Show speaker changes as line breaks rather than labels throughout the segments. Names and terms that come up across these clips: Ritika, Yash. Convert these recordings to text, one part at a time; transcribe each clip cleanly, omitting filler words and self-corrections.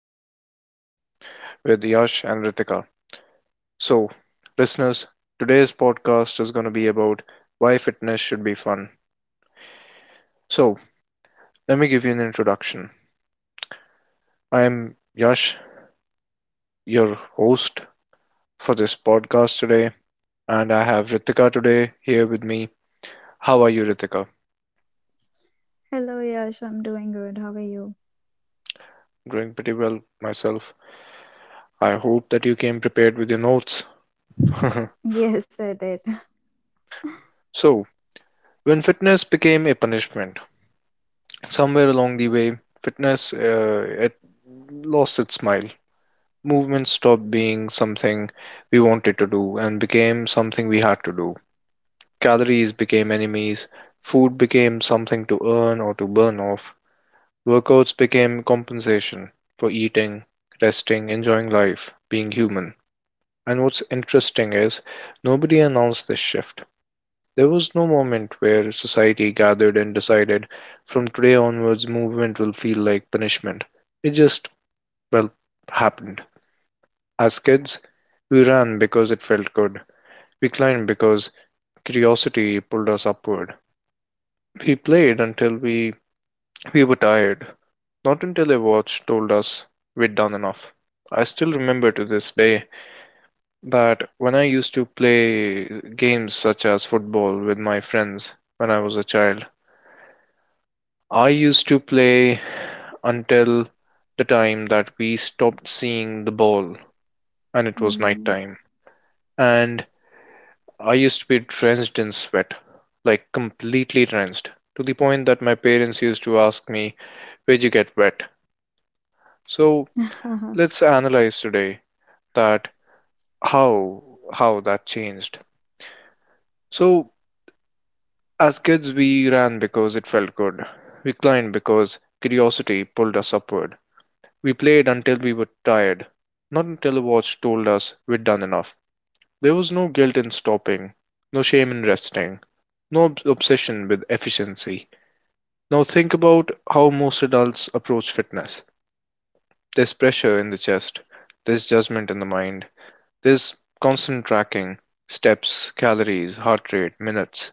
another day with Yash and Ritika. So, listeners, today's podcast is going to be about why fitness should be fun. So, let me give you an introduction. I am Yash, your host for this podcast today, and I have Ritika today here with me. How are you, Ritika?
Hello, Yash. I'm doing good. How are you?
Doing pretty well myself. I hope that you came prepared with your notes.
Yes, I did.
so, When fitness became a punishment, somewhere along the way, fitness, it lost its smile. Movement stopped being something we wanted to do and became something we had to do. Calories became enemies, food became something to earn or to burn off. Workouts became compensation for eating, resting, enjoying life, being human. And what's interesting is nobody announced this shift. There was no moment where society gathered and decided from today onwards movement will feel like punishment. It just, well, happened. As kids, we ran because it felt good. We climbed because curiosity pulled us upward. We played until we were tired, not until a watch told us we'd done enough. I still remember to this day that when I used to play games such as football with my friends when I was a child, I used to play until the time that we stopped seeing the ball and it was
Mm.
nighttime. And I used to be drenched in sweat, like completely drenched, to the point that my parents used to ask me, where'd you get wet? So let's analyze today that how how that changed. So, as kids, we ran because it felt good. We climbed because curiosity pulled us upward. We played until we were tired, not until a watch told us we'd done enough. There was no guilt in stopping, no shame in resting, no obsession with efficiency. Now think about how most adults approach fitness. There's pressure in the chest, there's judgment in the mind, there's constant tracking, steps, calories, heart rate, minutes,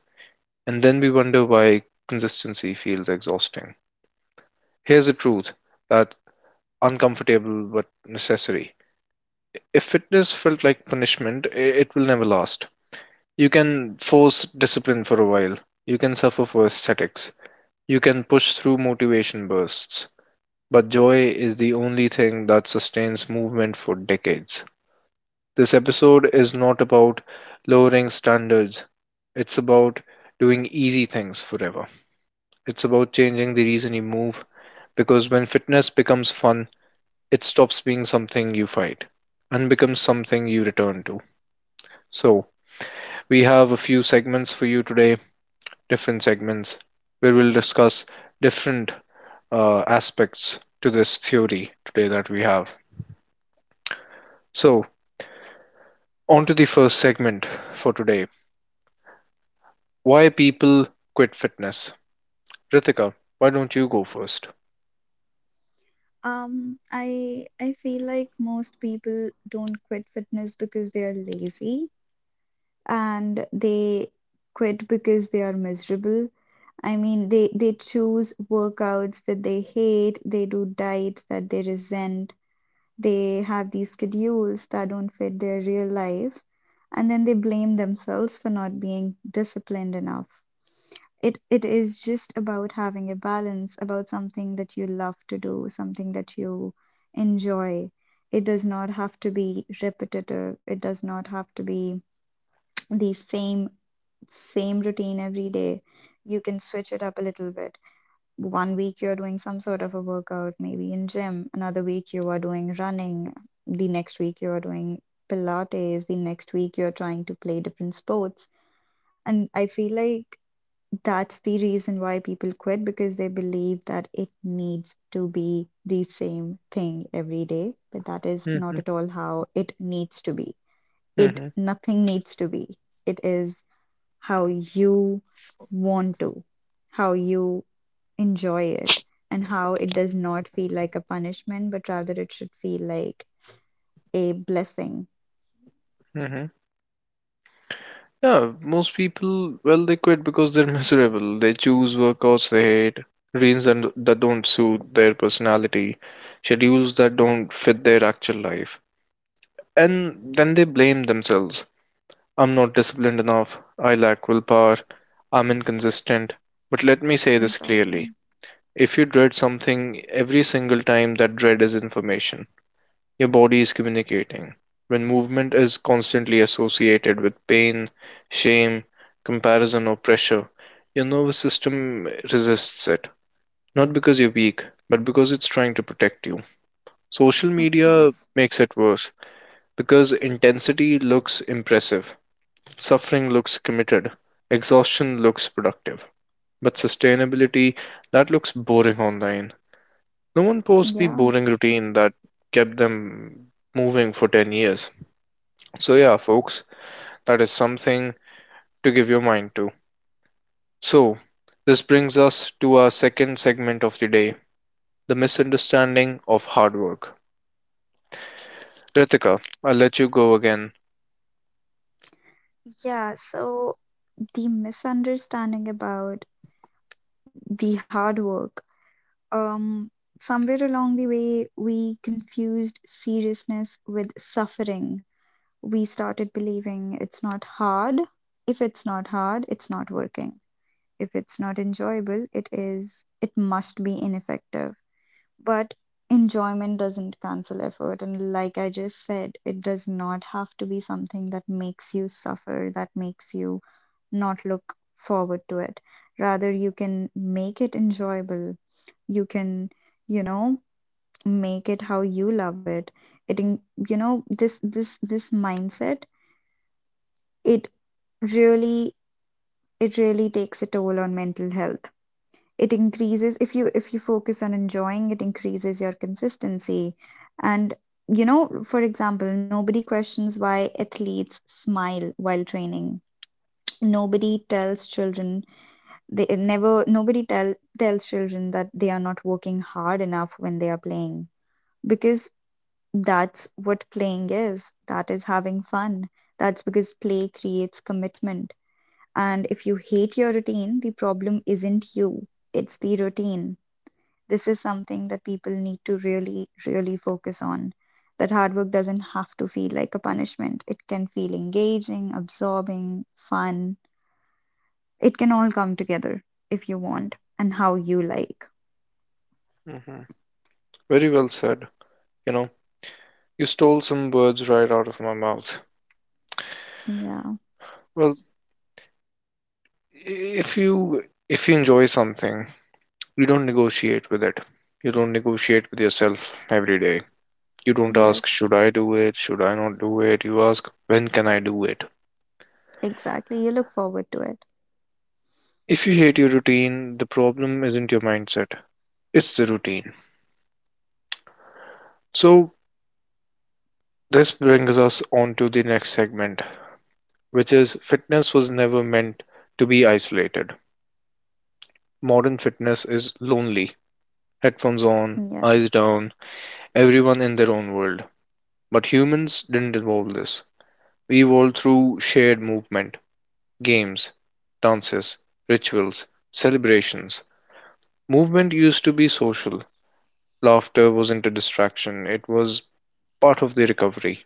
and then we wonder why consistency feels exhausting. Here's the truth, that uncomfortable but necessary. If fitness felt like punishment, it will never last. You can force discipline for a while. You can suffer for aesthetics. You can push through motivation bursts. But joy is the only thing that sustains movement for decades. This episode is not about lowering standards, it's about doing easy things forever. It's about changing the reason you move, because when fitness becomes fun, it stops being something you fight and becomes something you return to. So, we have a few segments for you today, different segments, where we'll discuss different aspects to this theory today that we have. So, on to the first segment for today, why people quit fitness. Ritika, why don't you go first?
I feel like most people don't quit fitness because they are lazy, and they quit because they are miserable. I mean, they choose workouts that they hate, they do diets that they resent, they have these schedules that don't fit their real life, and then they blame themselves for not being disciplined enough. It is just about having a balance, about something that you love to do, something that you enjoy. It does not have to be repetitive. It does not have to be the same routine every day. You can switch it up a little bit. One week you're doing some sort of a workout, maybe in gym. Another week you are doing running. The next week you are doing Pilates. The next week you're trying to play different sports. And I feel like that's the reason why people quit, because they believe that it needs to be the same thing every day, but that is not
Mm-hmm,
at all how it needs to be. It,
mm-hmm,
nothing needs to be, it is how you want to, how you enjoy it, and how it does not feel like a punishment, but rather it should feel like a blessing.
mm-hmm. Yeah, most people, well, they quit because they're miserable. They choose workouts they hate, routines that don't suit their personality, schedules that don't fit their actual life. And then they blame themselves. I'm not disciplined enough. I lack willpower. I'm inconsistent. But let me say this
Exactly.
clearly. If you dread something every single time, that dread is information. Your body is communicating. When movement is constantly associated with pain, shame, comparison, or pressure, your nervous system resists it. Not because you're weak, but because it's trying to protect you. Social
Of
media
course.
makes it worse because intensity looks impressive. Suffering looks committed, exhaustion looks productive, but sustainability, that looks boring online. No one posts the
Yeah,
boring routine that kept them moving for 10 years. So, yeah, folks, that is something to give your mind to. So, this brings us to our second segment of the day, the misunderstanding of hard work. Ritika, I'll let you go again.
yeah. So the misunderstanding about the hard work. Um, somewhere along the way, we confused seriousness with suffering. We started believing it's not hard. If it's not hard, it's not working. If it's not enjoyable, it is, it must be ineffective. But enjoyment doesn't cancel effort. And like I just said, it does not have to be something that makes you suffer, that makes you not look forward to it. Rather, you can make it enjoyable. You can, you know, make it how you love it. It, in- you know, this mindset, it really it really takes a toll on mental health. It increases, if you focus on enjoying it, increases your consistency. And, you know, for example, nobody questions why athletes smile while training. Nobody tells children, they never nobody tell tells children that they are not working hard enough when they are playing, because that's what playing is. That is having fun. That's because play creates commitment. And if you hate your routine, the problem isn't you, it's the routine. This is something that people need to really, really focus on. That hard work doesn't have to feel like a punishment. It can feel engaging, absorbing, fun. It can all come together if you want and how you like.
Mhm. Very well said. You know, you stole some words right out of my mouth.
Yeah.
Well, if you if you enjoy something, you don't negotiate with it, you don't negotiate with yourself every day, you don't ask
Yes.
should I do it, should I not do it, you ask when can I do it.
Exactly. You look forward to it.
If you hate your routine, the problem isn't your mindset, it's the routine. So, this brings us on to the next segment, which is fitness was never meant to be isolated. Modern fitness is lonely, headphones on, eyes
Yes.
down, everyone in their own world. But humans didn't evolve this, evolved through shared movement, games, dances, rituals, celebrations. Movement used to be social. Laughter wasn't a distraction, it was part of the recovery.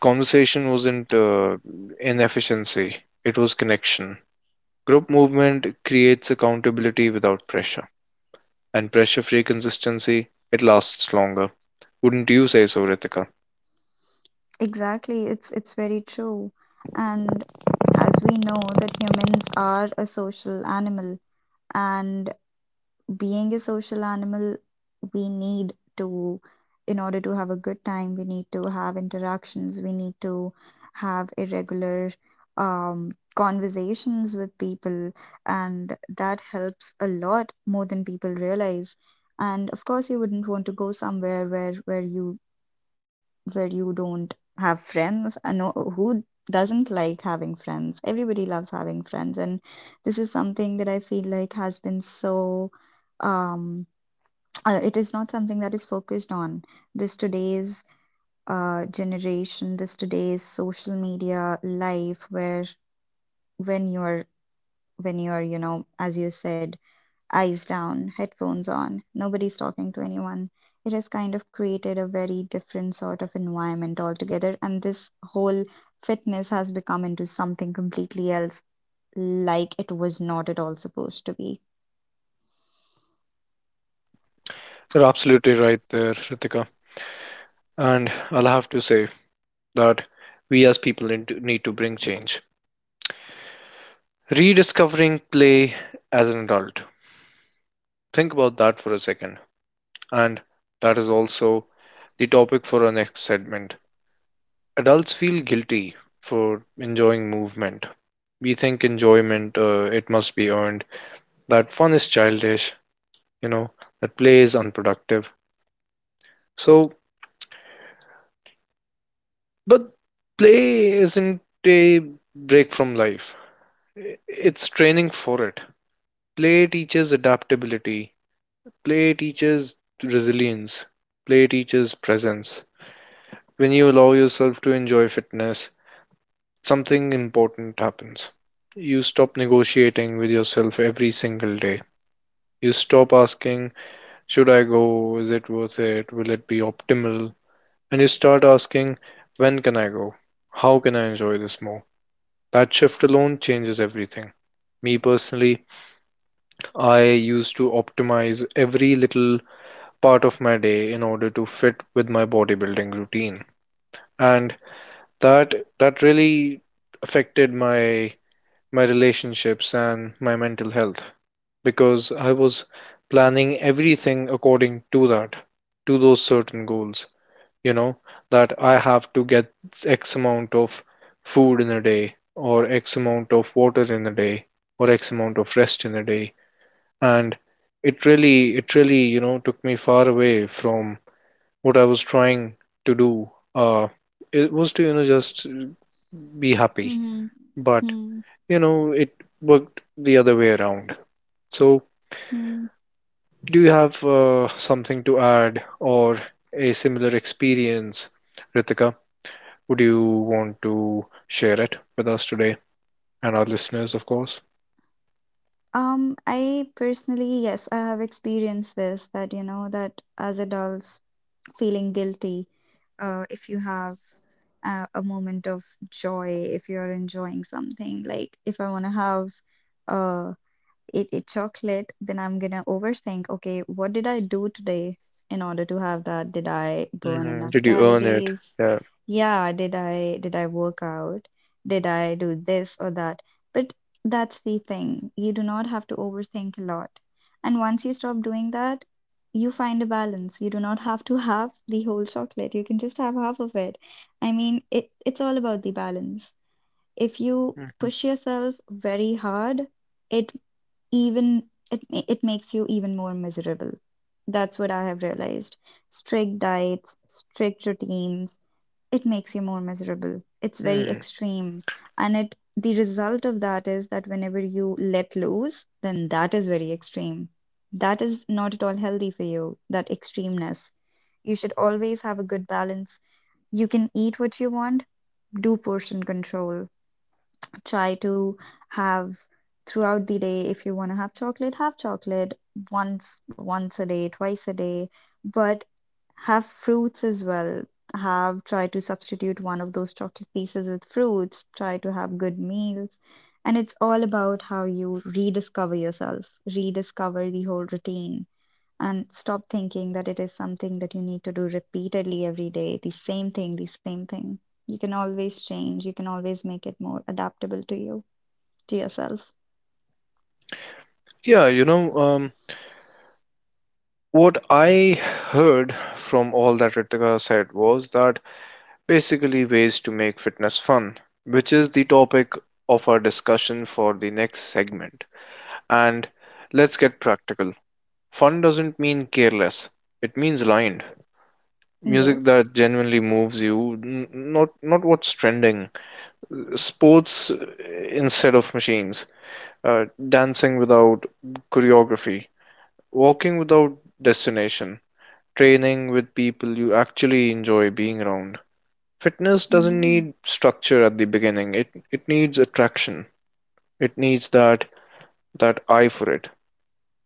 Conversation wasn't inefficiency, it was connection. Group movement creates accountability without pressure, and pressure free consistency, it lasts longer. Wouldn't you say so, Ritika?
Exactly. It's very true. And as we know, that humans are a social animal, and being a social animal, we need to, in order to have a good time, we need to have interactions, we need to have irregular conversations with people, and that helps a lot more than people realize. And of course, you wouldn't want to go somewhere where you don't have friends, and no, who doesn't like having friends? Everybody loves having friends. And this is something that I feel like has been so, um it is not something that is focused on, this today's this today's social media life, where when you're when you're, you know, as you said, eyes down, headphones on, nobody's talking to anyone. It has kind of created a very different sort of environment altogether, and this whole fitness has become into something completely else, like it was not at all supposed to be.
You're absolutely right there, Ritika. And I'll have to say that we as people need to, bring change. Rediscovering play as an adult. Think about that for a second. And that is also the topic for our next segment. Adults feel guilty for enjoying movement. We think enjoyment, it must be earned, that fun is childish, you know, that play is unproductive. So, but play isn't a break from life, it's training for it. Play teaches adaptability, play teaches resilience, play teaches presence. When you allow yourself to enjoy fitness, something important happens. You stop negotiating with yourself every single day. You stop asking, should I go? Is it worth it? Will it be optimal? And you start asking, when can I go? How can I enjoy this more? That shift alone changes everything. Me personally, I used to optimize every little part of my day in order to fit with my bodybuilding routine. And that that really affected my relationships and my mental health, because I was planning everything according to that, to those certain goals, you know, that I have to get X amount of food in a day or X amount of water in a day or X amount of rest in a day. And it really, you know, took me far away from what I was trying to do. uh, it was to, you know, just be happy,
Mm-hmm.
but
Hmm.
you know it worked the other way around. So
Hmm.
do you have something to add or a similar experience, Ritika? Would you want to share it with us today and our listeners, of course?
I personally, yes, I have experienced this, that you know, that as adults feeling guilty, if you have a moment of joy, if you're enjoying something, like if I want to have a eat chocolate, then I'm gonna overthink, okay, what did I do today in order to have that? Did I burn
Mm,
enough
did you earn it?
calories?
Yeah.
Yeah, did I work out? Did I do this or that? But that's the thing. You do not have to overthink a lot. And once you stop doing that, you find a balance. You do not have to have the whole chocolate. You can just have half of it. I mean, it's all about the balance. If you
Mhm.
push yourself very hard, it even it, it makes you even more miserable. That's what I have realized. Strict diets, strict routines, it makes you more miserable. It's very
Hmm.
extreme. And it the result of that is that whenever you let loose, then that is very extreme. That is not at all healthy for you, that extremeness. You should always have a good balance. You can eat what you want, do portion control, try to have, throughout the day, if you want to have chocolate, have chocolate once a day, twice a day, but have fruits as well, have, try to substitute one of those chocolate pieces with fruits, try to have good meals. And it's all about how you rediscover yourself, rediscover the whole routine, and stop thinking that it is something that you need to do repeatedly every day, the same thing, the same thing. You can always change, you can always make it more adaptable to you, to yourself.
Yeah, you know, what I heard from all that Ritika said was that basically ways to make fitness fun, which is the topic of our discussion for the next segment. And let's get practical. Fun doesn't mean careless, it means aligned. Music
Yes.
that genuinely moves you, not what's trending. Sports instead of machines. Uh, Dancing without choreography. Walking without destination. Training with people you actually enjoy being around. Fitness doesn't
Yeah.
need structure at the beginning. It needs attraction. It needs that eye for it.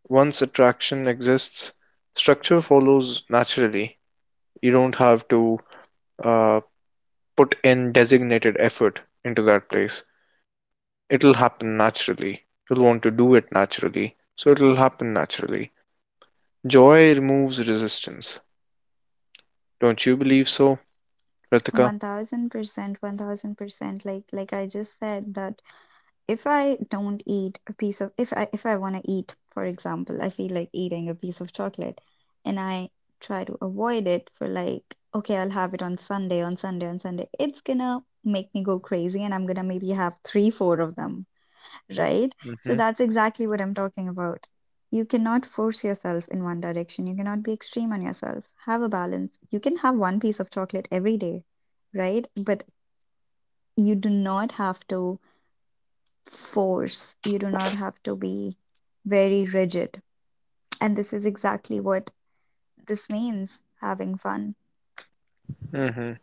Once attraction exists, structure follows naturally. You don't have to uh, put in designated effort into that place. It'll happen naturally. You'll want to do it naturally. So it'll happen naturally. Joy removes resistance. Don't you believe so, Ritika?
1000%, 1000%. Like I just said that if I don't eat a piece of if I want to eat, for example, I feel like eating a piece of chocolate, and I try to avoid it for, like, okay, I'll have it on Sunday, on Sunday, on Sunday. It's gonna make me go crazy and I'm gonna maybe have 3 4 of them, right? So
Mm-hmm.
that's exactly what I'm talking about. You cannot force yourself in one direction. You cannot be extreme on yourself. Have a balance. You can have one piece of chocolate every day, right? But you do not have to force. You do not have to be very rigid. And this is exactly what this means, having fun.
Mm-hmm.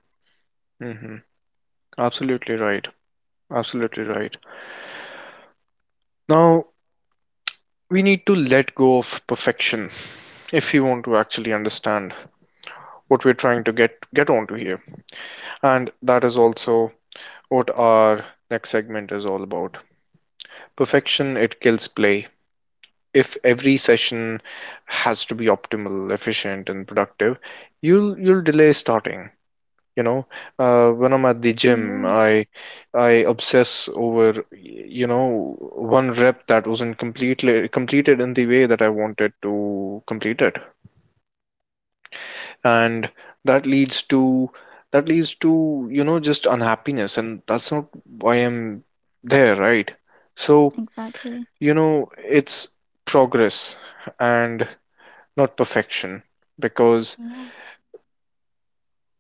Mm-hmm. Absolutely right. Absolutely right. Now, we need to let go of perfection if we want to actually understand what we're trying to get onto here, and that is also what our next segment is all about. Perfection, it kills play. If every session has to be optimal, efficient and productive, you'll delay starting. You know, when I'm at the
Yeah,
gym, I obsess over, you know, one rep that wasn't completely completed in the way that I wanted to complete it, and that leads to just unhappiness, and that's not why I'm there, right? So
exactly.
you know it's progress and not perfection, because
Yeah,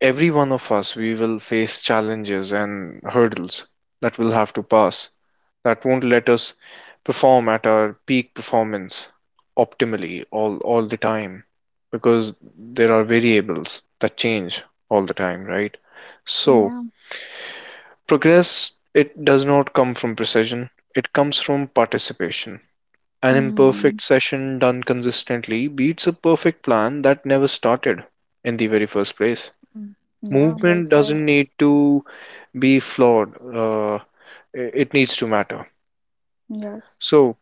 every one of us we will face challenges and hurdles that we'll have to pass, that won't let us perform at our peak performance optimally all the time, because there are variables that change all the time, right? So
yeah.
progress, it does not come from precision, it comes from participation. An
Hmm.
imperfect session done consistently beats a perfect plan that never started in the very first place.
Mm. Yeah, well
Movement
said.
doesn't need to be flawed, uh, it needs to matter.
Yes.
So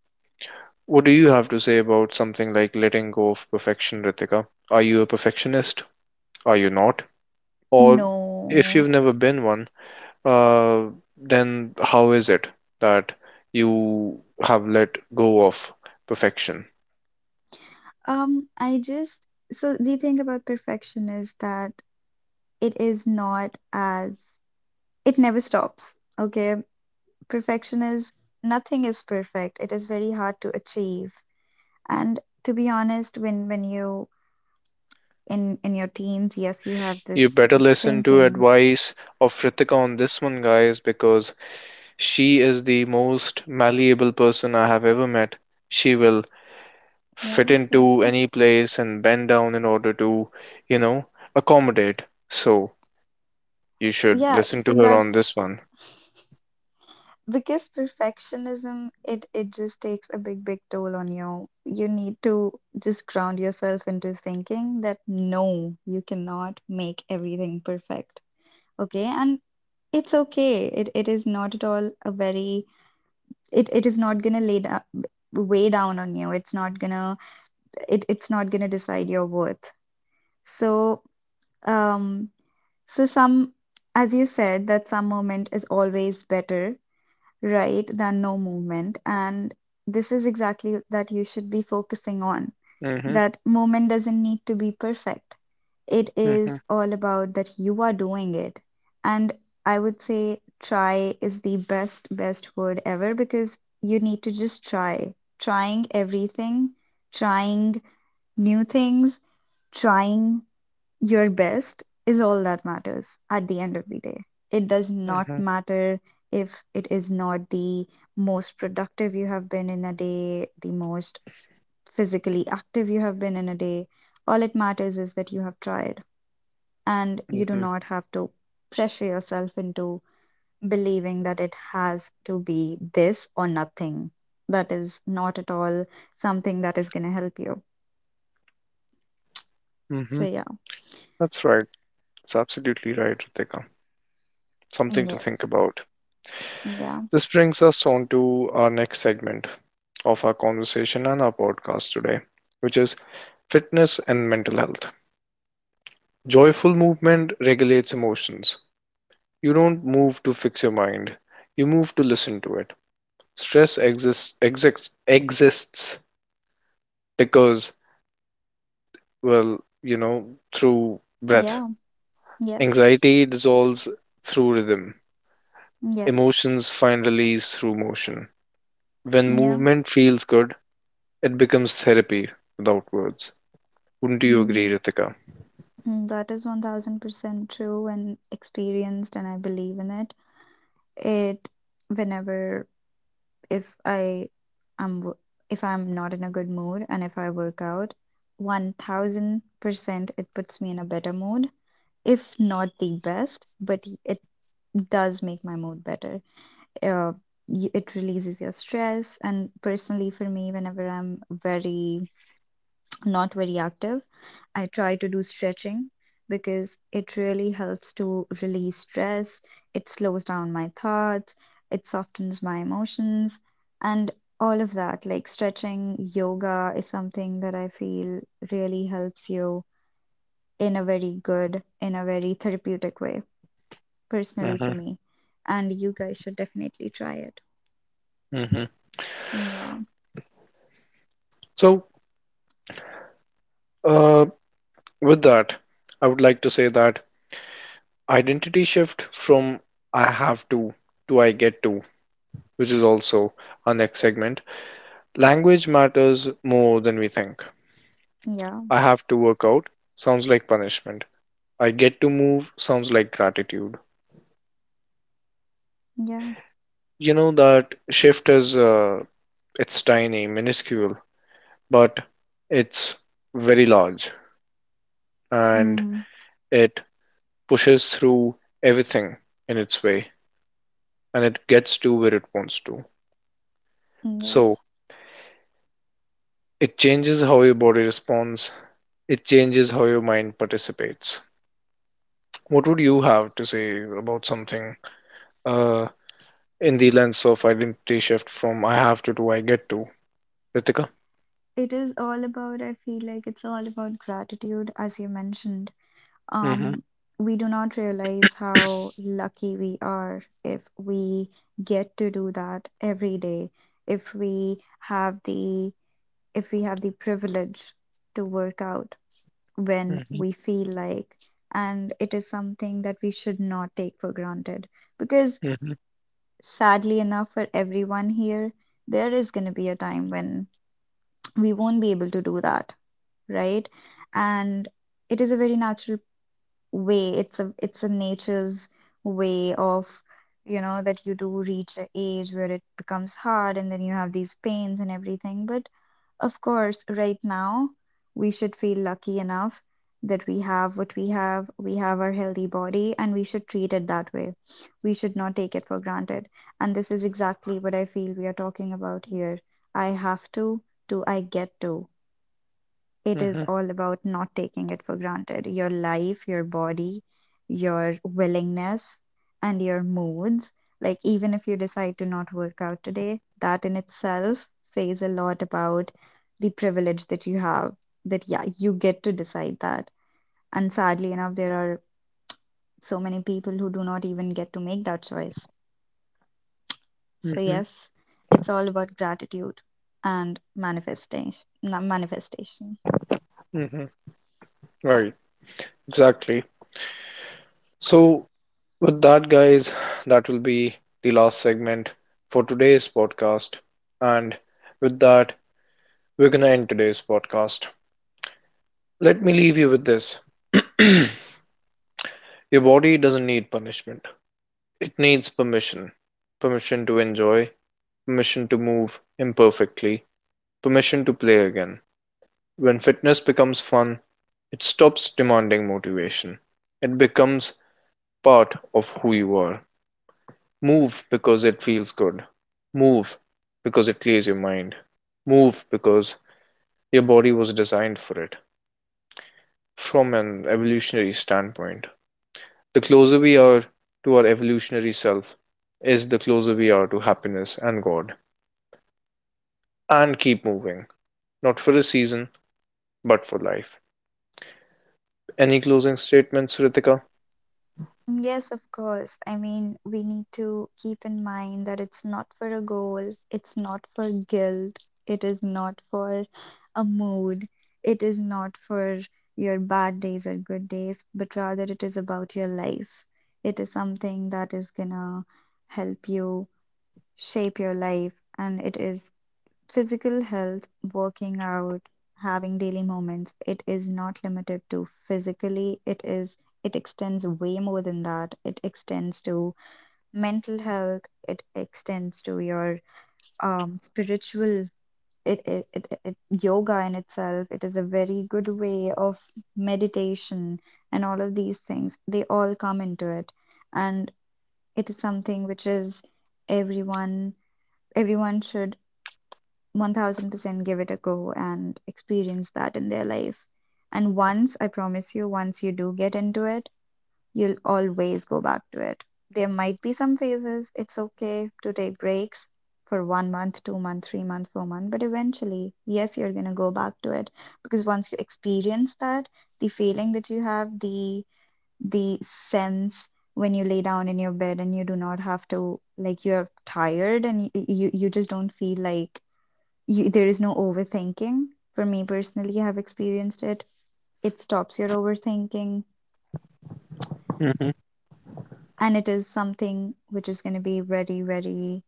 what do you have to say about something like letting go of perfection, Ritika? Are you a perfectionist, are you not, or if
No.
you've never been one, uh, then how is it that you have let go of perfection?
I just, so the thing about perfection is that it is not as, it never stops. Okay, perfection is, nothing is perfect. It is very hard to achieve. And to be honest, when you, in your teens, yes, you have
You
this
better
this
listen to
thinking.
advice of Ritika on this one, guys, because she is the most malleable person I have ever met. She will fit
Yeah, so,
into any place and bend down in order to, you know, accommodate. So you should
yeah,
listen to
so
her on
that's,
this one.
because perfectionism, it just takes a big toll on you. You need to just ground yourself into thinking that no, you cannot make everything perfect, okay? And it's okay. It is not at all a very, it is not gonna lay down, weigh down on you, it's not gonna, it's not gonna decide your worth. So, um, so some, as you said, that some moment is always better, right, than no movement. And this is exactly that you should be focusing on.
Mm-hmm,
That movement doesn't need to be perfect. It
mm-hmm,
is all about that you are doing it. And I would say try is the best word ever, because you need to just try. Trying everything, trying new things, trying your best is all that matters at the end of the day. It does not
mm-hmm,
matter if it is not the most productive you have been in a day, the most physically active you have been in a day. All it matters is that you have tried, and you do
mm-hmm,
not have to pressure yourself into believing that it has to be this or nothing. That is not at all something that is going to help you. So,
mm-hmm.
yeah.
That's right. It's absolutely right, Ritika. Something to think
Yes.
about.
Yeah.
This brings us on to our next segment of our conversation and our podcast today, which is fitness and mental health. Joyful movement regulates emotions. You don't move to fix your mind, you move to listen to it. Stress exists because, well you know through breath,
Yeah. Yes.
anxiety dissolves through rhythm,
Yes.
emotions find release through motion. When
Yeah,
movement feels good, it becomes therapy without words. Wouldn't you agree,
mm,
Ritika?
that is 1000% true and experienced, and I believe in it. It, whenever, if I am, if I'm not in a good mood and if I work out, 1000% it puts me in a better mood, if not the best, but it does make my mood better. Uh, it releases your stress, and personally, for me, whenever I'm very, not very active, I try to do stretching, because it really helps to release stress, it slows down my thoughts, it softens my emotions, and all of that. Like stretching, yoga is something that I feel really helps you in a very good, in a very therapeutic way, personally
Hmm.
for me. And you guys should definitely try it.
Hmm.
Yeah,
so uh, With that, I would like to say that identity shift from I have to I get to, which is also our next segment. Language matters more than we think.
yeah,
I have to work out sounds like punishment. I get to move sounds like gratitude.
yeah.
You know, that shift is it's tiny, minuscule, but it's very large, and
Mm,
it pushes through everything in its way, and it gets to where it wants to. So,
yes.
it changes how your body responds, it changes how your mind participates. What would you have to say about something, uh, in the lens of identity shift from I have to I get to, Ritika?
It is all about, I feel like it's all about gratitude, as you mentioned.
Mm-hmm.
Um, we do not realize how lucky we are if we get to do that every day, if we have the if we have the privilege to work out when
Mm-hmm.
we feel like, and it is something that we should not take for granted, because
Mm-hmm.
sadly enough, for everyone here, there is going to be a time when we won't be able to do that, right? And it is a very natural way. It's a nature's way of that you do reach an age where it becomes hard and then you have these pains and everything. But of course, right now we should feel lucky enough that we have what we have. We have our healthy body and we should treat it that way. We should not take it for granted. And this is exactly what I feel we are talking about here. I have to, do I get to? It is
Mm-hmm.
all about not taking it for granted. Your life, your body, your willingness, and your moods. Like, even if you decide to not work out today, that in itself says a lot about the privilege that you have. That, yeah, you get to decide that. And sadly enough, there are so many people who do not even get to make that choice. So,
Mm-hmm.
yes, it's all about gratitude and manifestation. Manifestation.
Mm-hmm. Right, exactly. So, with that, guys, that will be the last segment for today's podcast. And with that, we're going to end today's podcast. Let me leave you with this. Your body doesn't need punishment. It needs permission. Permission to enjoy, permission to move imperfectly, permission to play again. When fitness becomes fun, it stops demanding motivation. It becomes part of who you are. Move because it feels good. Move because it clears your mind. Move because your body was designed for it from an evolutionary standpoint. The closer we are to our evolutionary self is the closer we are to happiness and God. And keep moving, not for a season, but for life. Any closing statements, Ritika?
Yes, of course. I mean, we need to keep in mind that it's not for a goal, it's not for guilt, it is not for a mood, it is not for your bad days or good days, but rather it is about your life. It is something that is gonna help you shape your life, and it is physical health, working out, having daily moments, it is not limited to physically, it extends way more than that. It extends to mental health, it extends to your spiritual it, it, it, it yoga in itself it is a very good way of meditation, and all of these things they all come into it. And it is something which is everyone everyone should 1000% give it a go and experience that in their life. And once, I promise you, once you do get into it, you'll always go back to it. There might be some phases, it's okay to take breaks for 1 month, 2 month, 3 month, 4 month, but eventually, yes, you're gonna go back to it because once you experience that, the feeling that you have, the sense when you lay down in your bed and you do not have to, like, you're tired and you just don't feel like you, there is no overthinking. For me personally, I have experienced it. It stops your overthinking,
Hmm.
and it is something which is going to be very, very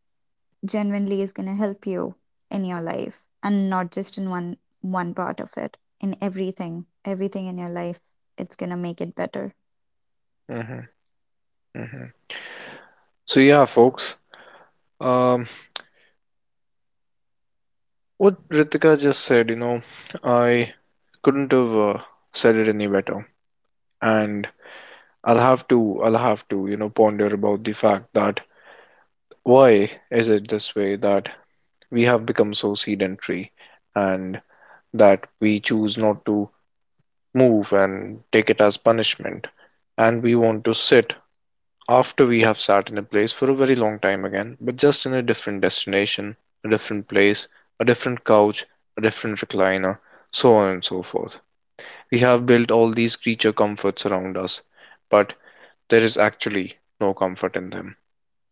genuinely is going to help you in your life, and not just in one part of it. In everything, everything in your life, it's going to make it better.
Hmm. Hmm. So yeah, folks, um, what Ritika just said, you know, I couldn't have said it any better, and I'll have to, you know, ponder about the fact that why is it this way that we have become so sedentary, and that we choose not to move and take it as punishment. And we want to sit after we have sat in a place for a very long time again, but just in a different destination, a different place, a different couch, a different recliner, so on and so forth. We have built all these creature comforts around us, but there is actually no comfort in them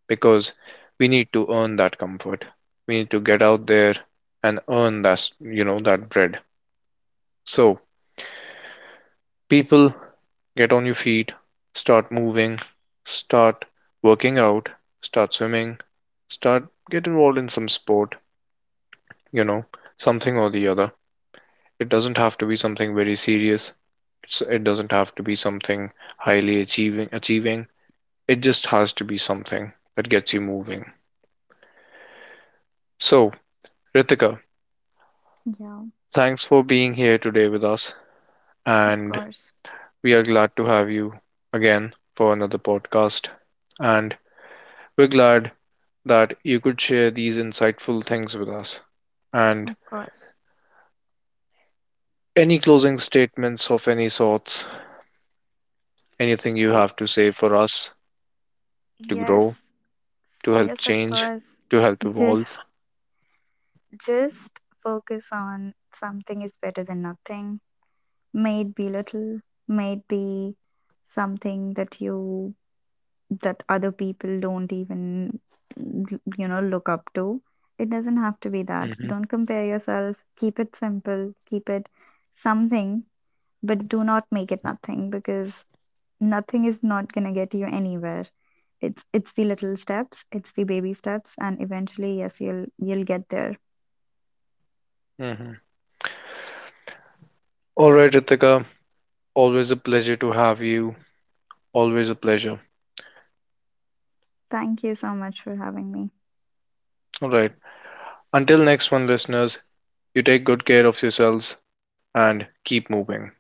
because we need to earn that comfort. We need to get out there and earn that, you know, that bread. So, people, get on your feet, start moving, start working out, start swimming, start, get involved in some sport, you know, something or the other. It doesn't have to be something very serious. It doesn't have to be something highly achieving. It just has to be something that gets you moving. So, Ritika,
Yeah,
thanks for being here today with us,
of
and
course.
we are glad to have you again for another podcast, and we're glad that you could share these insightful things with us. And
Of course.
any closing statements of any sorts, anything you
Y-
have to say for us to grow,
Yes.
to help
Yes, of
change,
course.
to help
Just
evolve.
Just focus on something is better than nothing. May it be little, may it be something that you, that other people don't even, you know, look up to, it doesn't have to be that.
Hmm.
Don't compare yourself. Keep it simple, keep it something, but do not make it nothing, because nothing is not going to get you anywhere. It's it's the little steps, it's the baby steps, and eventually, yes, you'll get there.
Hmm. All right, Ritika, always a pleasure to have you. Always a pleasure.
Thank you so much for having me.
All right. Until next one, listeners, you take good care of yourselves and keep moving.